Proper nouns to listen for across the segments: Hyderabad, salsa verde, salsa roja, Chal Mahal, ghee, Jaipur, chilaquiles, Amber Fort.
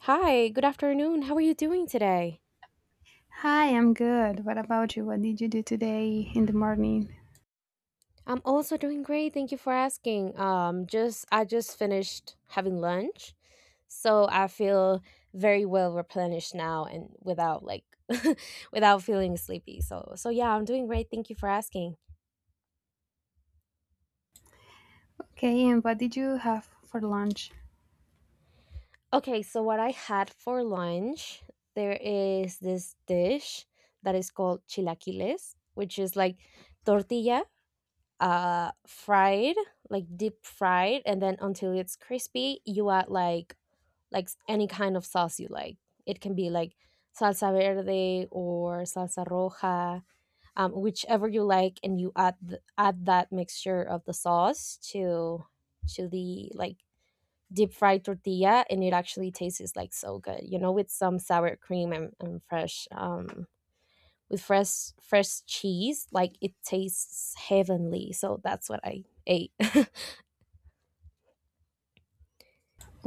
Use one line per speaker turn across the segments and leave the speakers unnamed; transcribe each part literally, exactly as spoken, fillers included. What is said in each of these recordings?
Hi, good afternoon. How are you doing today?
Hi, I'm good. What about you? What did you do today in the morning?
I'm also doing great. Thank you for asking. Um, just I just finished having lunch, so I feel very well replenished now and without like without feeling sleepy. So so yeah, I'm doing great. Thank you for asking.
Okay, and what did you have for lunch?
Okay, so what I had for lunch, there is this dish that is called chilaquiles, which is like tortilla, uh fried, like deep fried, and then until it's crispy you add like like s- any kind of sauce you like. It can be like salsa verde or salsa roja, um, whichever you like, and you add th- add that mixture of the sauce to to the like deep fried tortilla, and it actually tastes like so good you know with some sour cream, and, and fresh, um with fresh fresh cheese. Like it tastes heavenly, so that's what I ate.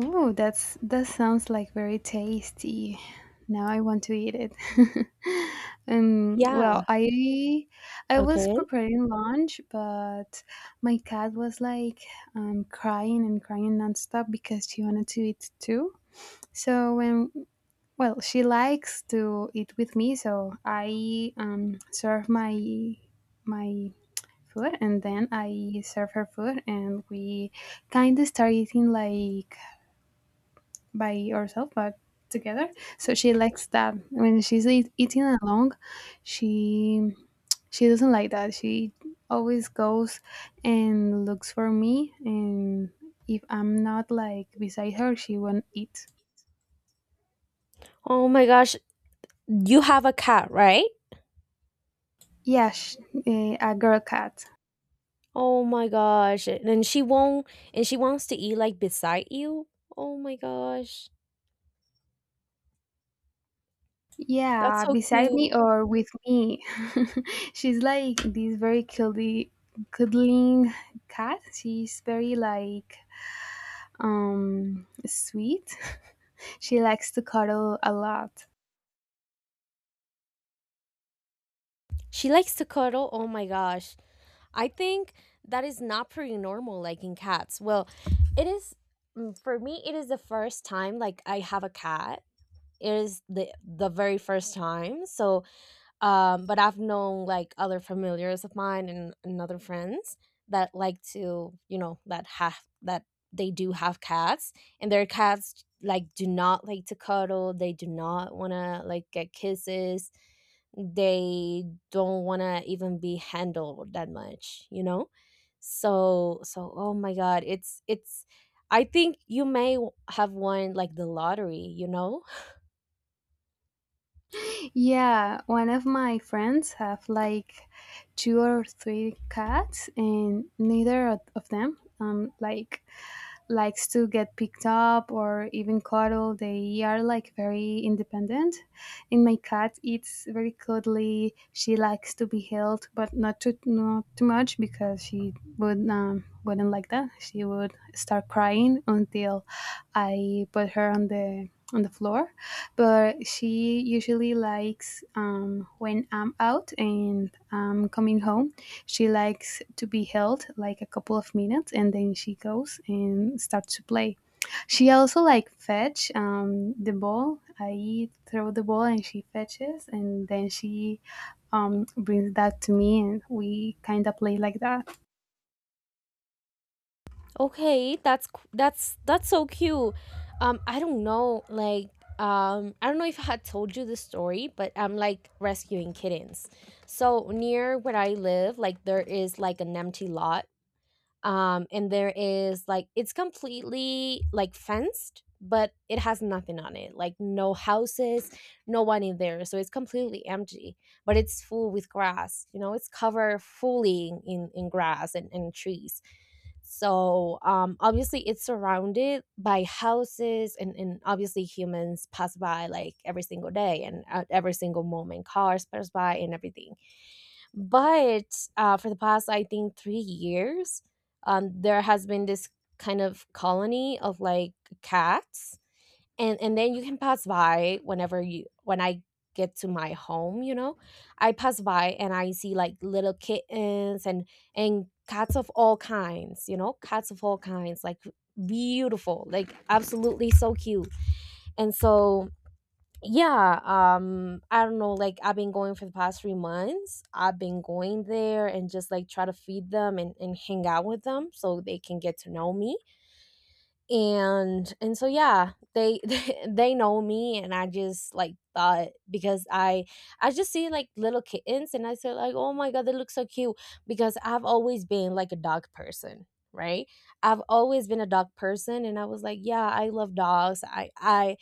Ooh, that's that sounds like very tasty. Now I want to eat it. um, well,
Yeah.
I I was
Okay.
preparing lunch, but my cat was like um, crying and crying nonstop because she wanted to eat too. So when well, she likes to eat with me, so I um, serve my my food and then I serve her food and we kind of start eating like by ourselves but together. So she likes that. When she's eat- eating alone, she she doesn't like that. She always goes and looks for me, and if I'm not like beside her, she won't eat.
Oh my gosh, you have a cat, right?
Yeah, sh- eh, a girl cat.
Oh my gosh, and she won't and she wants to eat like beside you. Oh my gosh, that's
Yeah,
so
beside
cute.
me or with me. She's like this very cuddly, cuddling cat. She's very like um sweet. She likes to cuddle a lot.
She likes to cuddle. Oh my gosh, I think that is not pretty normal, like, in cats. Well, it is. Mm, for me it is the first time, like, I have a cat. It is the the very first time, so um but I've known like other familiars of mine, and, and other friends that like to, you know that have that, they do have cats, and their cats like do not like to cuddle, they do not want to like get kisses, they don't want to even be handled that much you know so so oh my god, it's it's I think you may w- have won like the lottery you know
Yeah, one of my friends have like two or three cats, and neither of of them um like likes to get picked up or even cuddled. They are like very independent. And my cat eats very cuddly. She likes to be held, but not too not too much because she would um wouldn't like that. She would start crying until I put her on the on the floor, but she usually likes, um, when I'm out and I'm coming home. She likes to be held like a couple of minutes, and then she goes and starts to play. She also like fetch, um, the ball. I throw the ball and she fetches, and then she, um, brings that to me, and we kind of play like that.
Okay, that's c- that's that's so cute. Um, I don't know, like, um, I don't know if I had told you the story, but I'm like rescuing kittens. So near where I live, like there is like an empty lot, um and there is like it's completely like fenced, but it has nothing on it, like no houses, no one in there, so it's completely empty, but it's full with grass, you know it's covered fully in in, grass, and, and trees. So um obviously it's surrounded by houses, and and obviously humans pass by like every single day, and at every single moment cars pass by and everything. But uh, for the past, I think, three years, um, there has been this kind of colony of like cats, and and then you can pass by whenever you when I get to my home you know I pass by and I see like little kittens, and and cats of all kinds, you know cats of all kinds, like beautiful, like absolutely so cute. And so yeah, um, I don't know, like, I've been going for the past three months. I've been going there and just like try to feed them, and, and hang out with them so they can get to know me. And and so yeah, they they they know me, and I just like thought because I I just see like little kittens and I say like, oh my god, they look so cute, because I've always been like a dog person. Right, I've always been a dog person, and I was like, "Yeah, I love dogs. I, I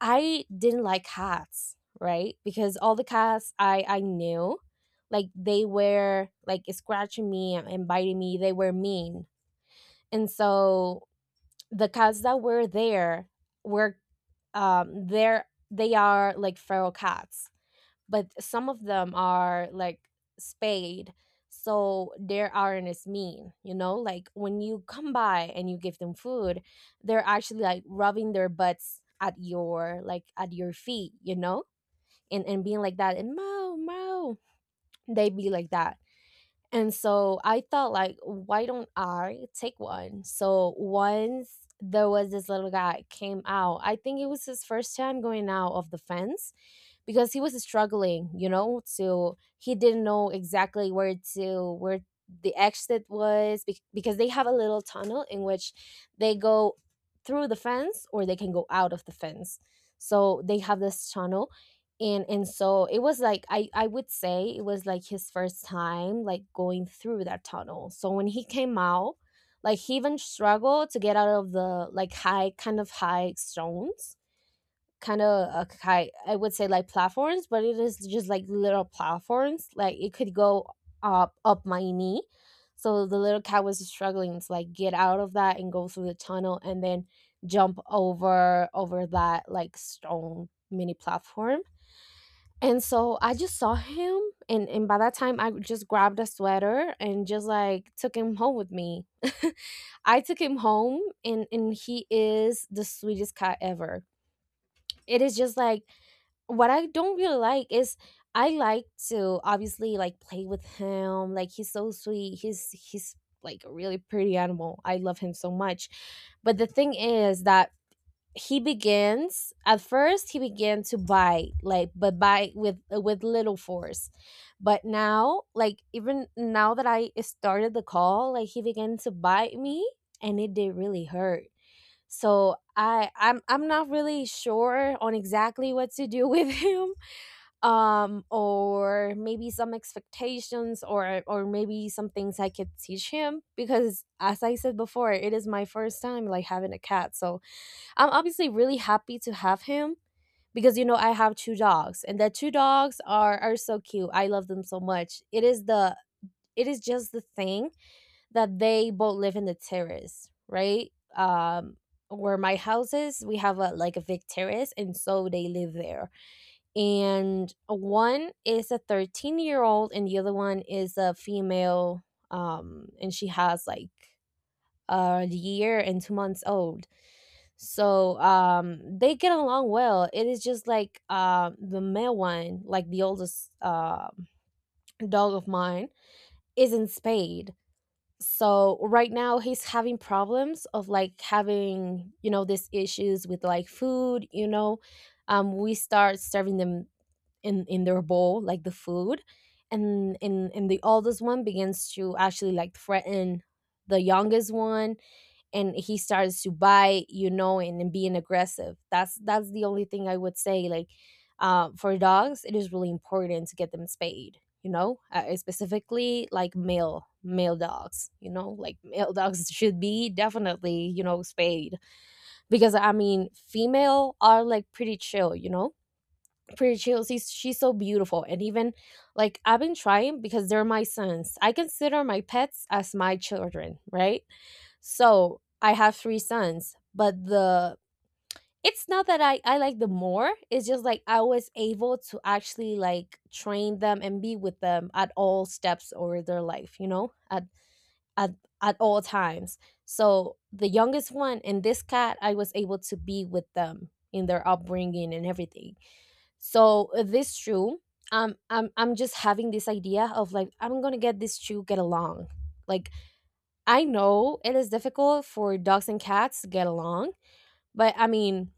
I didn't like hats, right? Because all the cats I I knew, like they were like scratching me and biting me. They were mean, and so the cats that were there were um there they are like feral cats, but some of them are like spayed, so they aren't as mean, you know like when you come by and you give them food, they're actually like rubbing their butts at your, like, at your feet you know and and being like that, and mow mow, they be like that. And so I thought like why don't I take one. So once there was this little guy came out. I think it was his first time going out of the fence, because he was struggling, you know to he didn't know exactly where to where the exit was, bec- because they have a little tunnel in which they go through the fence or they can go out of the fence, so they have this tunnel. And and so it was like, i i would say it was like his first time like going through that tunnel. So when he came out, like he even struggled to get out of the like high kind of high stones, kind of uh, ki- I would say like platforms, but it is just like little platforms. Like it could go up up my knee. So the little cat was struggling to like get out of that and go through the tunnel, and then jump over over that like stone mini platform. And so I just saw him, and and by that time I just grabbed a sweater and just like took him home with me. I took him home, and and he is the sweetest cat ever. It is just like what I don't really like is I like to obviously like play with him. Like he's so sweet. He's he's like a really pretty animal. I love him so much. But the thing is that he begins at first he began to bite, like, but bite with with little force. But now, like, even now that I started the call, like he began to bite me, and it did really hurt. So i i'm i'm not really sure on exactly what to do with him, um or maybe some expectations, or or maybe some things I could teach him, because as I said before, it is my first time like having a cat, so I'm obviously really happy to have him, because, you know I have two dogs, and the two dogs are are so cute. I love them so much. It is the it is just the thing that they both live in the terrace, right, um where my house is. We have a, like, a big terrace, and so they live there, and one is a thirteen year old, and the other one is a female, um and she has like a year and two months old. So um they get along well. It is just like uh the male one, like the oldest, uh, dog of mine, is in spayed. So right now he's having problems of like having, you know these issues with like food you know um We start serving them in in their bowl like the food, and and and the oldest one begins to actually like threaten the youngest one, and he starts to bite, you know and, and being aggressive. That's that's the only thing I would say, like uh, for dogs it is really important to get them spayed, you know uh, specifically like male male dogs, you know like male dogs should be definitely, you know spayed. Because I mean female are like pretty chill, you know pretty chill. She's she's so beautiful, and even like I've been trying because they're my sons. I consider my pets as my children, right? So I have three sons, but the it's not that I I like them more. It's just like I was able to actually like train them and be with them at all steps over their life, you know, at at at all times. So the youngest one and this cat, I was able to be with them in their upbringing and everything, so uh, this shoe, um, I'm I'm just having this idea of like I'm gonna get this shoe get along. Like I know it is difficult for dogs and cats to get along, but I mean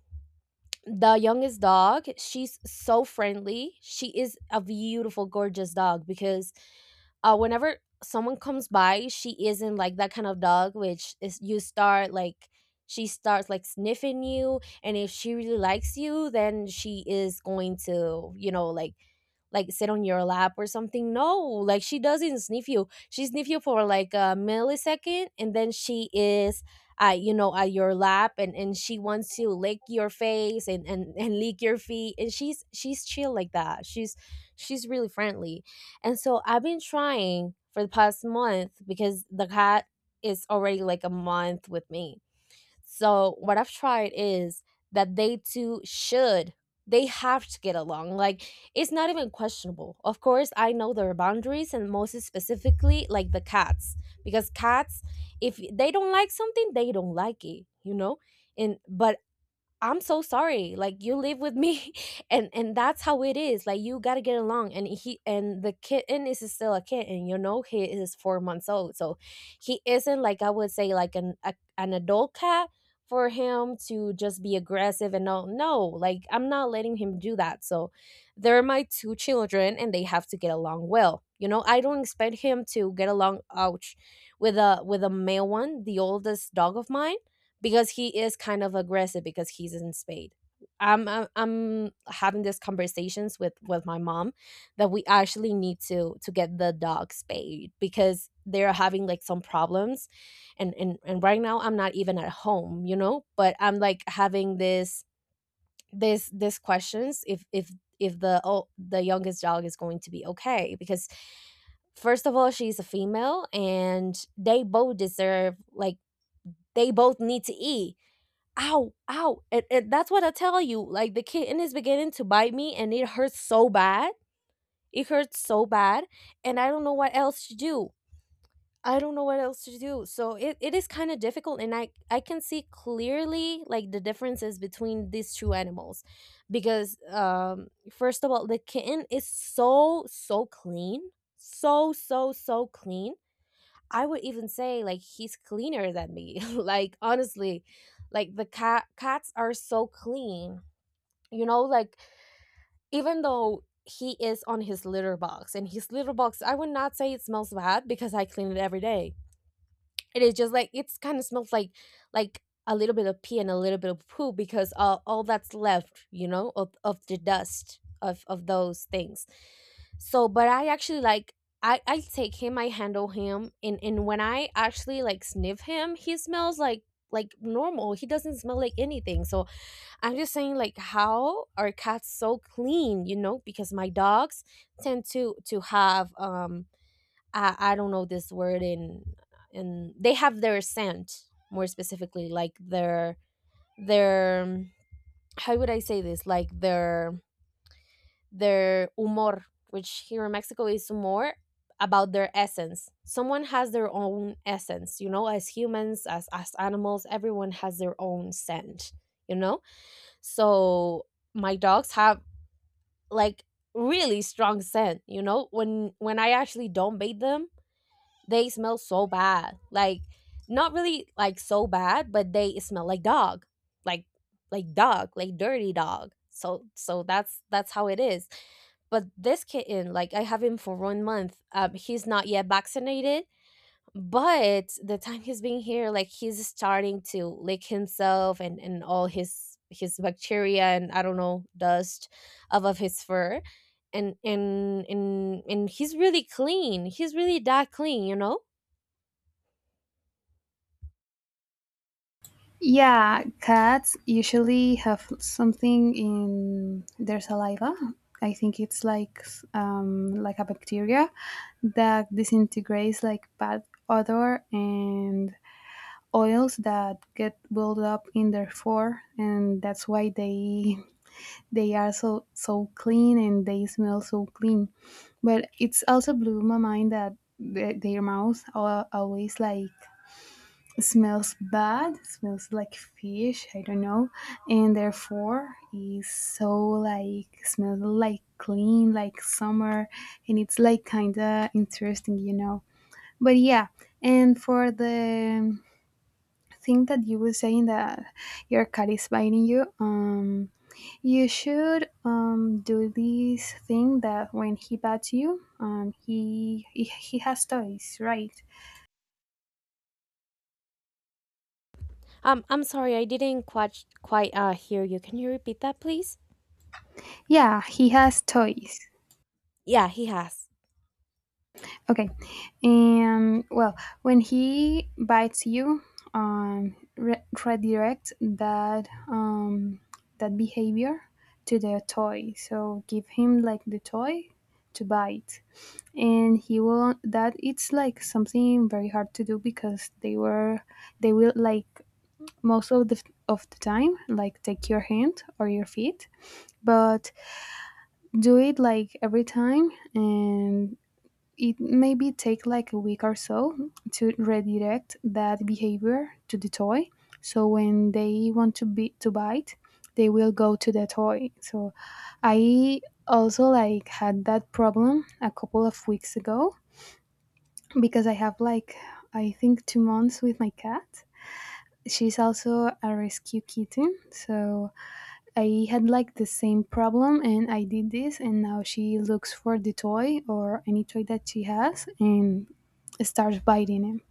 the youngest dog, she's so friendly. She is a beautiful, gorgeous dog, because uh, whenever someone comes by, she isn't like that kind of dog, which is you start like she starts like sniffing you, and if she really likes you, then she is going to, you know, like like sit on your lap or something. No, like she doesn't sniff you. She sniff you for like a millisecond, and then she is. Uh, you know at your lap, and and she wants to lick your face, and and and lick your feet, and she's she's chill like that. She's she's really friendly. And so I've been trying for the past month, because the cat is already like a month with me. So what I've tried is that they two should they have to get along. Like it's not even questionable. Of course, I know their boundaries, and most specifically like the cats, because cats, if they don't like something, they don't like it, you know? And but I'm so sorry. Like you live with me, and and that's how it is. Like you gotta get along. And he and the kitten is still a kitten. You know, he is four months old, so he isn't like I would say like an a, an adult cat for him to just be aggressive and all. No, like I'm not letting him do that. So they're my two children, and they have to get along well. You know, I don't expect him to get along. Ouch, with a with a male one, the oldest dog of mine because he is kind of aggressive because he's in spade. I'm I'm, I'm having these conversations with with my mom that we actually need to to get the dog spayed because they're having like some problems. And and and right now I'm not even at home, you know, but I'm like having this this this questions if if if the oh, the youngest dog is going to be okay because first of all she's a female and they both deserve like they both need to eat. Ow, ow. And, and that's what I tell you. Like the kitten is beginning to bite me and it hurts so bad. It hurts so bad. And I don't know what else to do. I don't know what else to do. So it, it is kind of difficult. And I, I can see clearly like the differences between these two animals. Because um first of all, the kitten is so, so clean. So, so, so clean. I would even say like he's cleaner than me. Like honestly, like the cat cats are so clean. You know, like even though he is on his litter box and his litter box I would not say it smells bad because I clean it every day. It is just like it's kind of smells like like a little bit of pee and a little bit of poo because uh, all that's left, you know, of, of the dust of of those things. So, but I actually like I I take him, I handle him, and and when I actually like sniff him, he smells like like normal. He doesn't smell like anything. So I'm just saying like how are cats so clean, you know? Because my dogs tend to to have. um I, I don't know this word in, and they have their scent, more specifically like their their um, how would I say this, like their their humor, which here in Mexico is humor, about their essence. Someone has their own essence, you know, as humans, as as animals, everyone has their own scent, you know. So my dogs have like really strong scent, you know, when when I actually don't bait them. They smell so bad, like, not really like so bad, but they smell like dog, like like dog, like dirty dog. So so that's that's how it is. But this kitten, like, I have him for one month, um he's not yet vaccinated, but the time he's been here, like, he's starting to lick himself and and all his his bacteria and I don't know, dust, off of his fur. And and and and he's really clean, he's really that clean, you know.
Yeah, cats usually have something in their saliva. I think it's like, um, like a bacteria that disintegrates like bad odor and oils that get built up in their fur, and that's why they they are so so clean and they smell so clean. But it's also blew my mind that the, their mouth al- always like smells bad, smells like fish, I don't know, and therefore is so like smells like clean, like summer, and it's like kinda interesting, you know. But yeah, and for the thing that you were saying that your cat is biting you, um, you should um do this thing that when he bites you, um, he he he has toys, right?
Um, I'm sorry, I didn't quite quite uh hear you. Can you repeat that, please?
Yeah, he has toys.
Yeah, he has.
Okay. And well, when he bites you, um, re- redirect that, um, that behavior to the toy. So give him like the toy to bite, and he will. That it's like something very hard to do because they were they will like most of the of the time like take your hand or your feet, but do it like every time, and it maybe take like a week or so to redirect that behavior to the toy, so when they want to be to bite, they will go to the toy. So I also like had that problem a couple of weeks ago because I have like, I think, two months with my cat. She's also a rescue kitten, so I had like the same problem, and I did this, and now she looks for the toy or any toy that she has and starts biting him.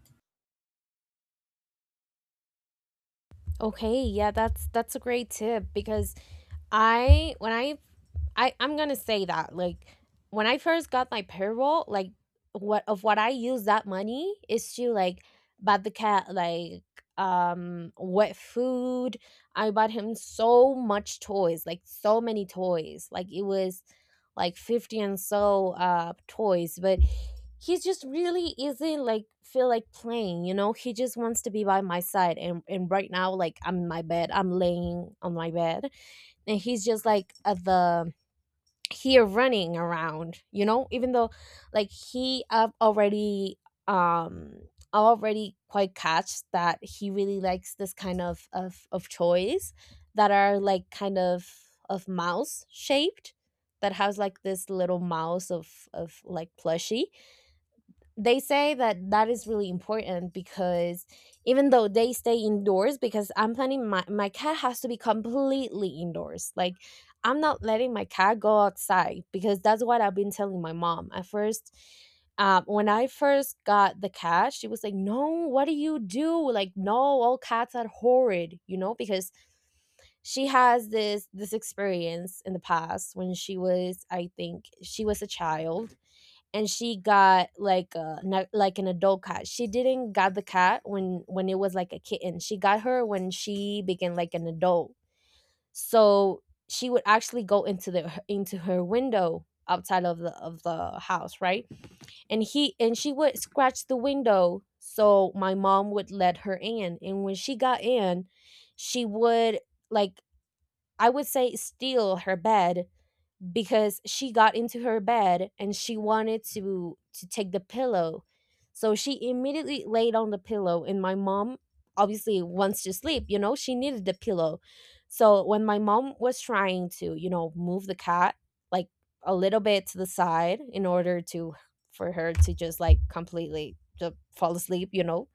Okay, yeah, that's that's a great tip because I when I I I'm gonna say that like when I first got my payroll, like what of what I use that money is to like buy the cat, like, um wet food. I bought him so much toys, like so many toys. Like it was like fifty and so uh toys, but he just really isn't like feel like playing, you know? He just wants to be by my side, and and right now like I'm in my bed, I'm laying on my bed, and he's just like at the here running around, you know, even though like he uh, already um already quite catch that he really likes this kind of of of toys that are like kind of of mouse shaped, that has like this little mouse of of like plushie. They say that that is really important because even though they stay indoors, because I'm planning, my, my cat has to be completely indoors, like I'm not letting my cat go outside because that's what I've been telling my mom at first. um, when I first got the cat, she was like, no, what do you do, like, no, all cats are horrid, you know, because she has this this experience in the past when she was, I think she was a child, and she got like a na- like an adult cat. She didn't got the cat when when it was like a kitten. She got her when she became like an adult. So she would actually go into the into her window outside of the of the house, right? And he and she would scratch the window, so my mom would let her in. And when she got in, she would, like, I would say, steal her bed, because she got into her bed and she wanted to to take the pillow. So she immediately laid on the pillow, and my mom obviously wants to sleep, you know, she needed the pillow. So when my mom was trying to, you know, move the cat, like, a little bit to the side in order to, for her to just like completely just fall asleep, you know,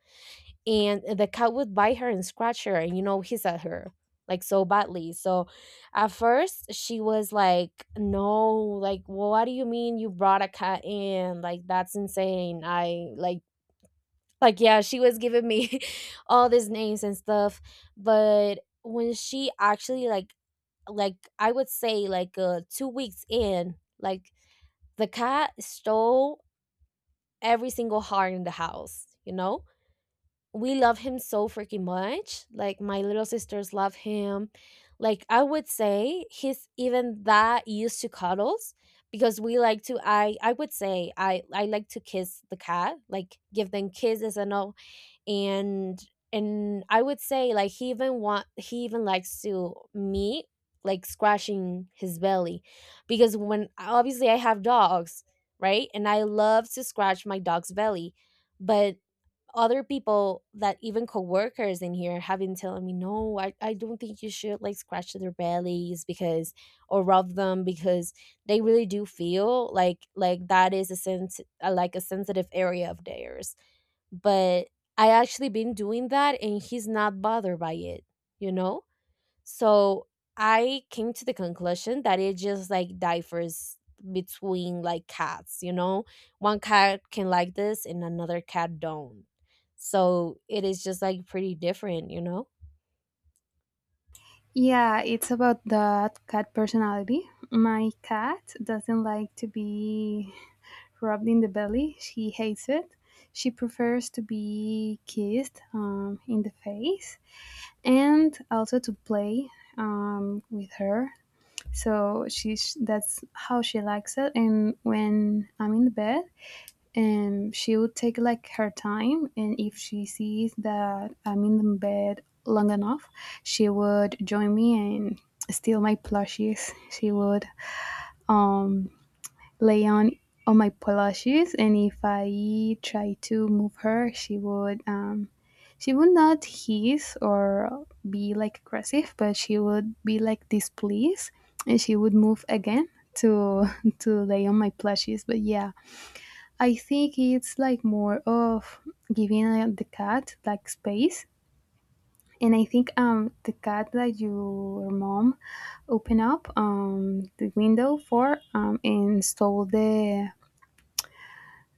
and the cat would bite her and scratch her and, you know, hiss at her like so badly. So at first she was like, no, like, what do you mean you brought a cat in, like, that's insane. I, like like yeah, she was giving me all these names and stuff. But when she actually like like I would say like uh two weeks in, like, the cat stole every single heart in the house, you know. We love him so freaking much. Like my little sisters love him. Like I would say he's even that used to cuddles, because we like to, I I would say I I like to kiss the cat, like give them kisses and all. and and I would say like he even want he even likes to me like scratching his belly, because when obviously I have dogs, right? And I love to scratch my dog's belly. But other people that even coworkers in here have been telling me, no, I, I don't think you should like scratch their bellies, because or rub them, because they really do feel like like that is a sense, uh, like a sensitive area of theirs. But I actually been doing that and he's not bothered by it, you know. So I came to the conclusion that it just like differs between like cats, you know? One cat can like this and another cat don't. So it is just like pretty different, you know?
Yeah, it's about that cat personality. My cat doesn't like to be rubbed in the belly. She hates it. She prefers to be kissed, um, in the face, and also to play, um, with her. So she's that's how she likes it. And when I'm in the bed, and she would take like her time, and if she sees that I'm in the bed long enough, she would join me and steal my plushies. She would um lay on on my plushies, and if I try to move her, she would, um she would not hiss or be like aggressive, but she would be like displeased, and she would move again to to lay on my plushies. But yeah, I think it's like more of giving, uh, the cat like space. And I think um the cat that your mom opened up um the window for um and stole the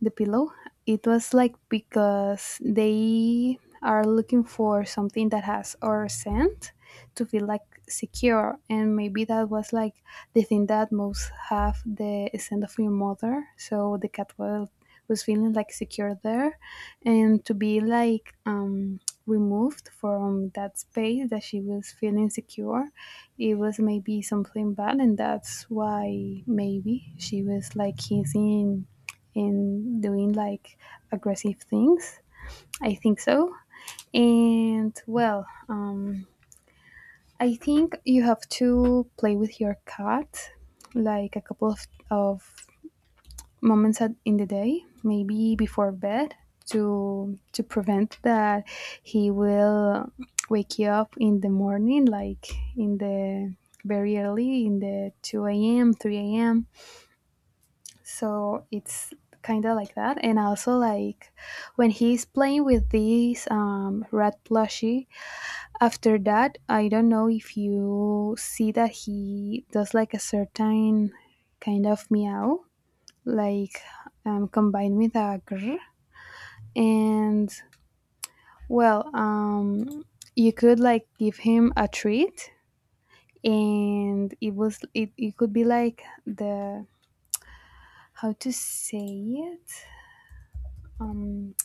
the pillow. It was like because they are looking for something that has our scent to feel like secure, and maybe that was like the thing that most have the scent of your mother, so the cat was was feeling like secure there, and to be like um removed from that space that she was feeling secure, it was maybe something bad, and that's why maybe she was like kissing and doing like aggressive things. I think so. And well, um, I think you have to play with your cat like a couple of, of moments at, in the day, maybe before bed, to to prevent that he will wake you up in the morning, like in the very early, in the two a m, three a m So it's kind of like that. And also like when he's playing with this, um, rat plushie, after that, I don't know if you see that he does like a certain kind of meow, like, um, combined with a grr, and well, um, you could like give him a treat, and it was it, it could be like the how to say it, um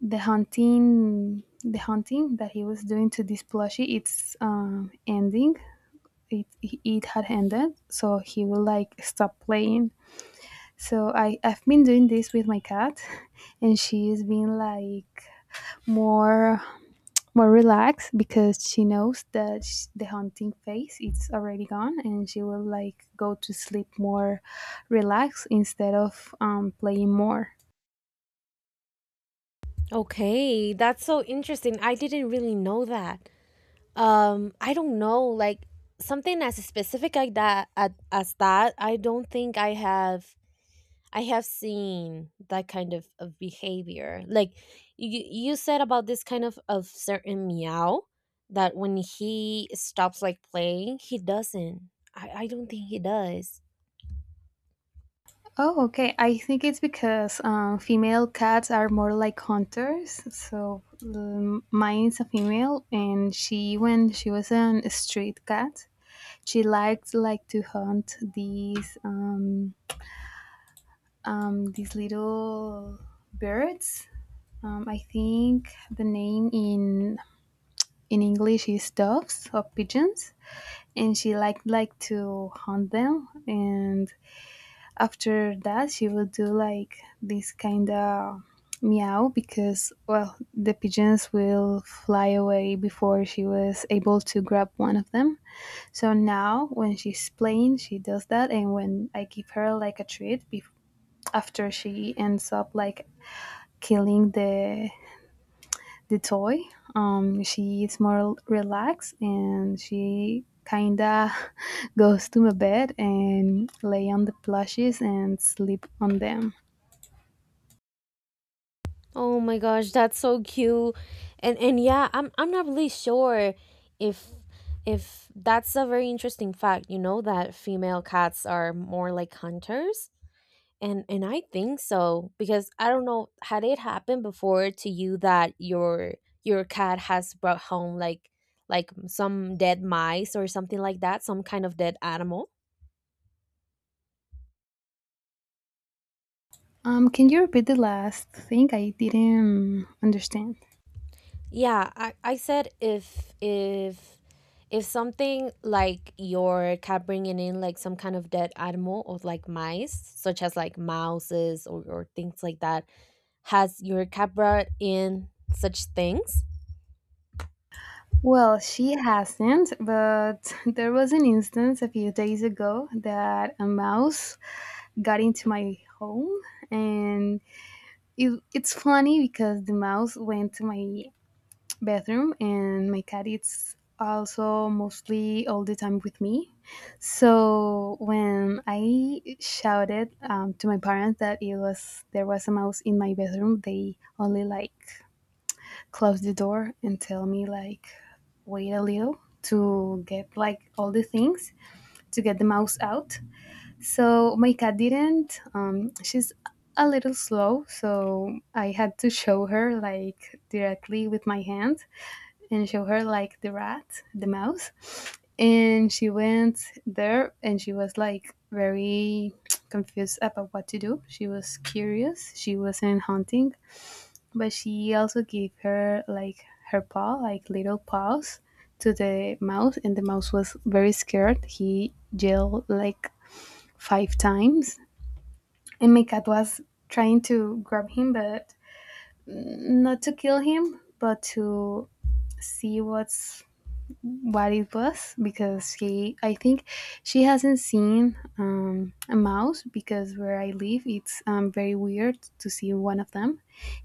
the hunting the hunting that he was doing to this plushie, it's um ending, it it had ended, so he will like stop playing. So i i've been doing this with my cat and she's been like more more relaxed because she knows that sh- the hunting phase it's already gone, and she will like go to sleep more relaxed instead of um playing more.
Okay, that's so interesting. I didn't really know that. Um, I don't know, like, something as specific like that at, as that. I don't think I have I have seen that kind of, of behavior. Like, you, you said about this kind of, of certain meow that when he stops like playing, he doesn't. I, I don't think he does.
Oh, okay. I think it's because, um, female cats are more like hunters. So um, mine a female, and she, when she was a street cat, she liked like to hunt these um, um, these little birds. Um, I think the name in in English is doves or pigeons, and she liked like to hunt them, and after that she would do like this kind of meow because well, the pigeons will fly away before she was able to grab one of them. So now when she's playing, she does that, and when I give her like a treat, bef- after she ends up like killing the the toy, um she is more relaxed, and she kinda goes to my bed and lay on the plushies and sleep on them.
Oh my gosh, that's so cute. And and yeah, I'm I'm not really sure if if that's a very interesting fact, you know, that female cats are more like hunters. And and I think so, because I don't know, had it happened before to you that your your cat has brought home like like some dead mice or something like that, some kind of dead animal.
Um, can you repeat the last thing? I didn't understand.
Yeah, I, I said if if if something like your cat bringing in like some kind of dead animal or like mice, such as like mouses or, or things like that, has your cat brought in such things?
Well, she hasn't, but there was an instance a few days ago that a mouse got into my home, and it, it's funny because the mouse went to my bathroom, and my cat is also mostly all the time with me. So when I shouted, um, to my parents that it was there was a mouse in my bathroom, they only like close the door and tell me like wait a little to get like all the things to get the mouse out. So my cat didn't, um, she's a little slow, so I had to show her like directly with my hand and show her like the rat the mouse, and she went there and she was like very confused about what to do. She was curious, she wasn't hunting, but she also gave her like her paw, like little paws, to the mouse, and the mouse was very scared. He yelled like five times, and my cat was trying to grab him, but not to kill him, but to see what's what it was, because she I think she hasn't seen, um, a mouse, because where I live it's, um, very weird to see one of them.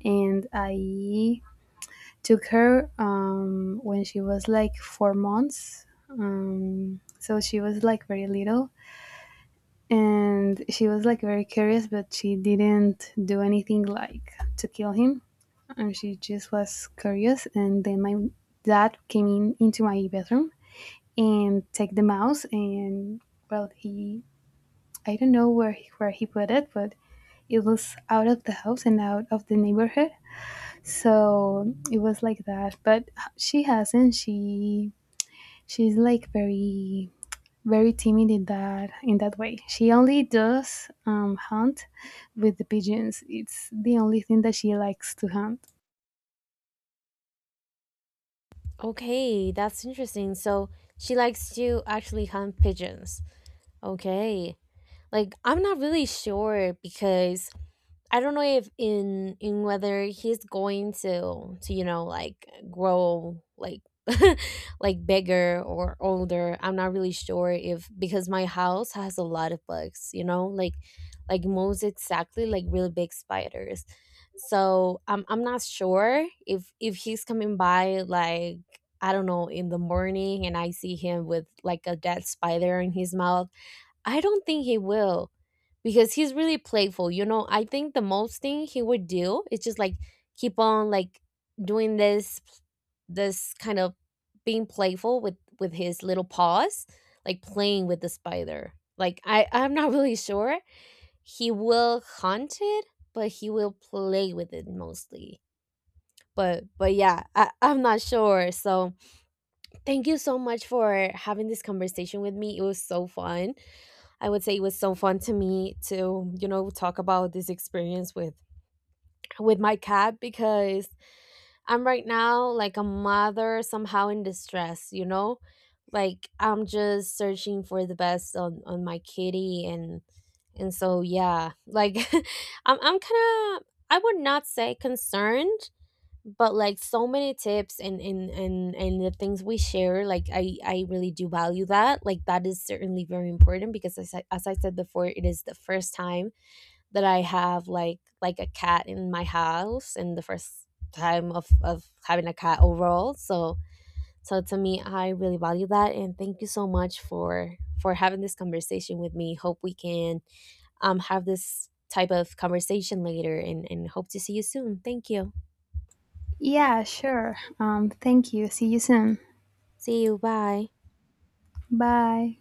And I took her, um, when she was like four months. Um, so she was like very little, and she was like very curious, but she didn't do anything like to kill him. And she just was curious. And then my dad came in into my bedroom and take the mouse, and well, he I don't know where he, where he put it, but it was out of the house and out of the neighborhood. So it was like that. But she hasn't. She she's like very very timid in that in that way. She only does, um, hunt with the pigeons. It's the only thing that she likes to hunt.
Okay, that's interesting. So she likes to actually hunt pigeons. Okay. Like, I'm not really sure because I don't know if in in whether he's going to to you know like grow like like bigger or older. I'm not really sure if, because my house has a lot of bugs, you know, like like most exactly like really big spiders. So I'm I'm not sure if if he's coming by like I don't know in the morning, and I see him with like a dead spider in his mouth. I don't think he will, because he's really playful. You know, I think the most thing he would do is just like keep on like doing this this kind of being playful with with his little paws, like playing with the spider. Like I I'm not really sure he will hunt it, but he will play with it mostly. But but yeah, I, I'm not sure. So thank you so much for having this conversation with me. It was so fun. I would say it was so fun to me to, you know, talk about this experience with with my cat, because I'm right now like a mother somehow in distress, you know? Like I'm just searching for the best on on my kitty. and and so yeah, like I'm I'm kind of, I would not say concerned, but like so many tips and and and and the things we share, like i i really do value that. Like that is certainly very important, because as I, as I said before, it is the first time that I have like like a cat in my house, and the first time of of having a cat overall. So so to me I really value that, and thank you so much for for having this conversation with me. Hope we can um have this type of conversation later, and and hope to see you soon. Thank you,
Yeah, sure. Um, thank you. See you soon.
see you, bye.
Bye.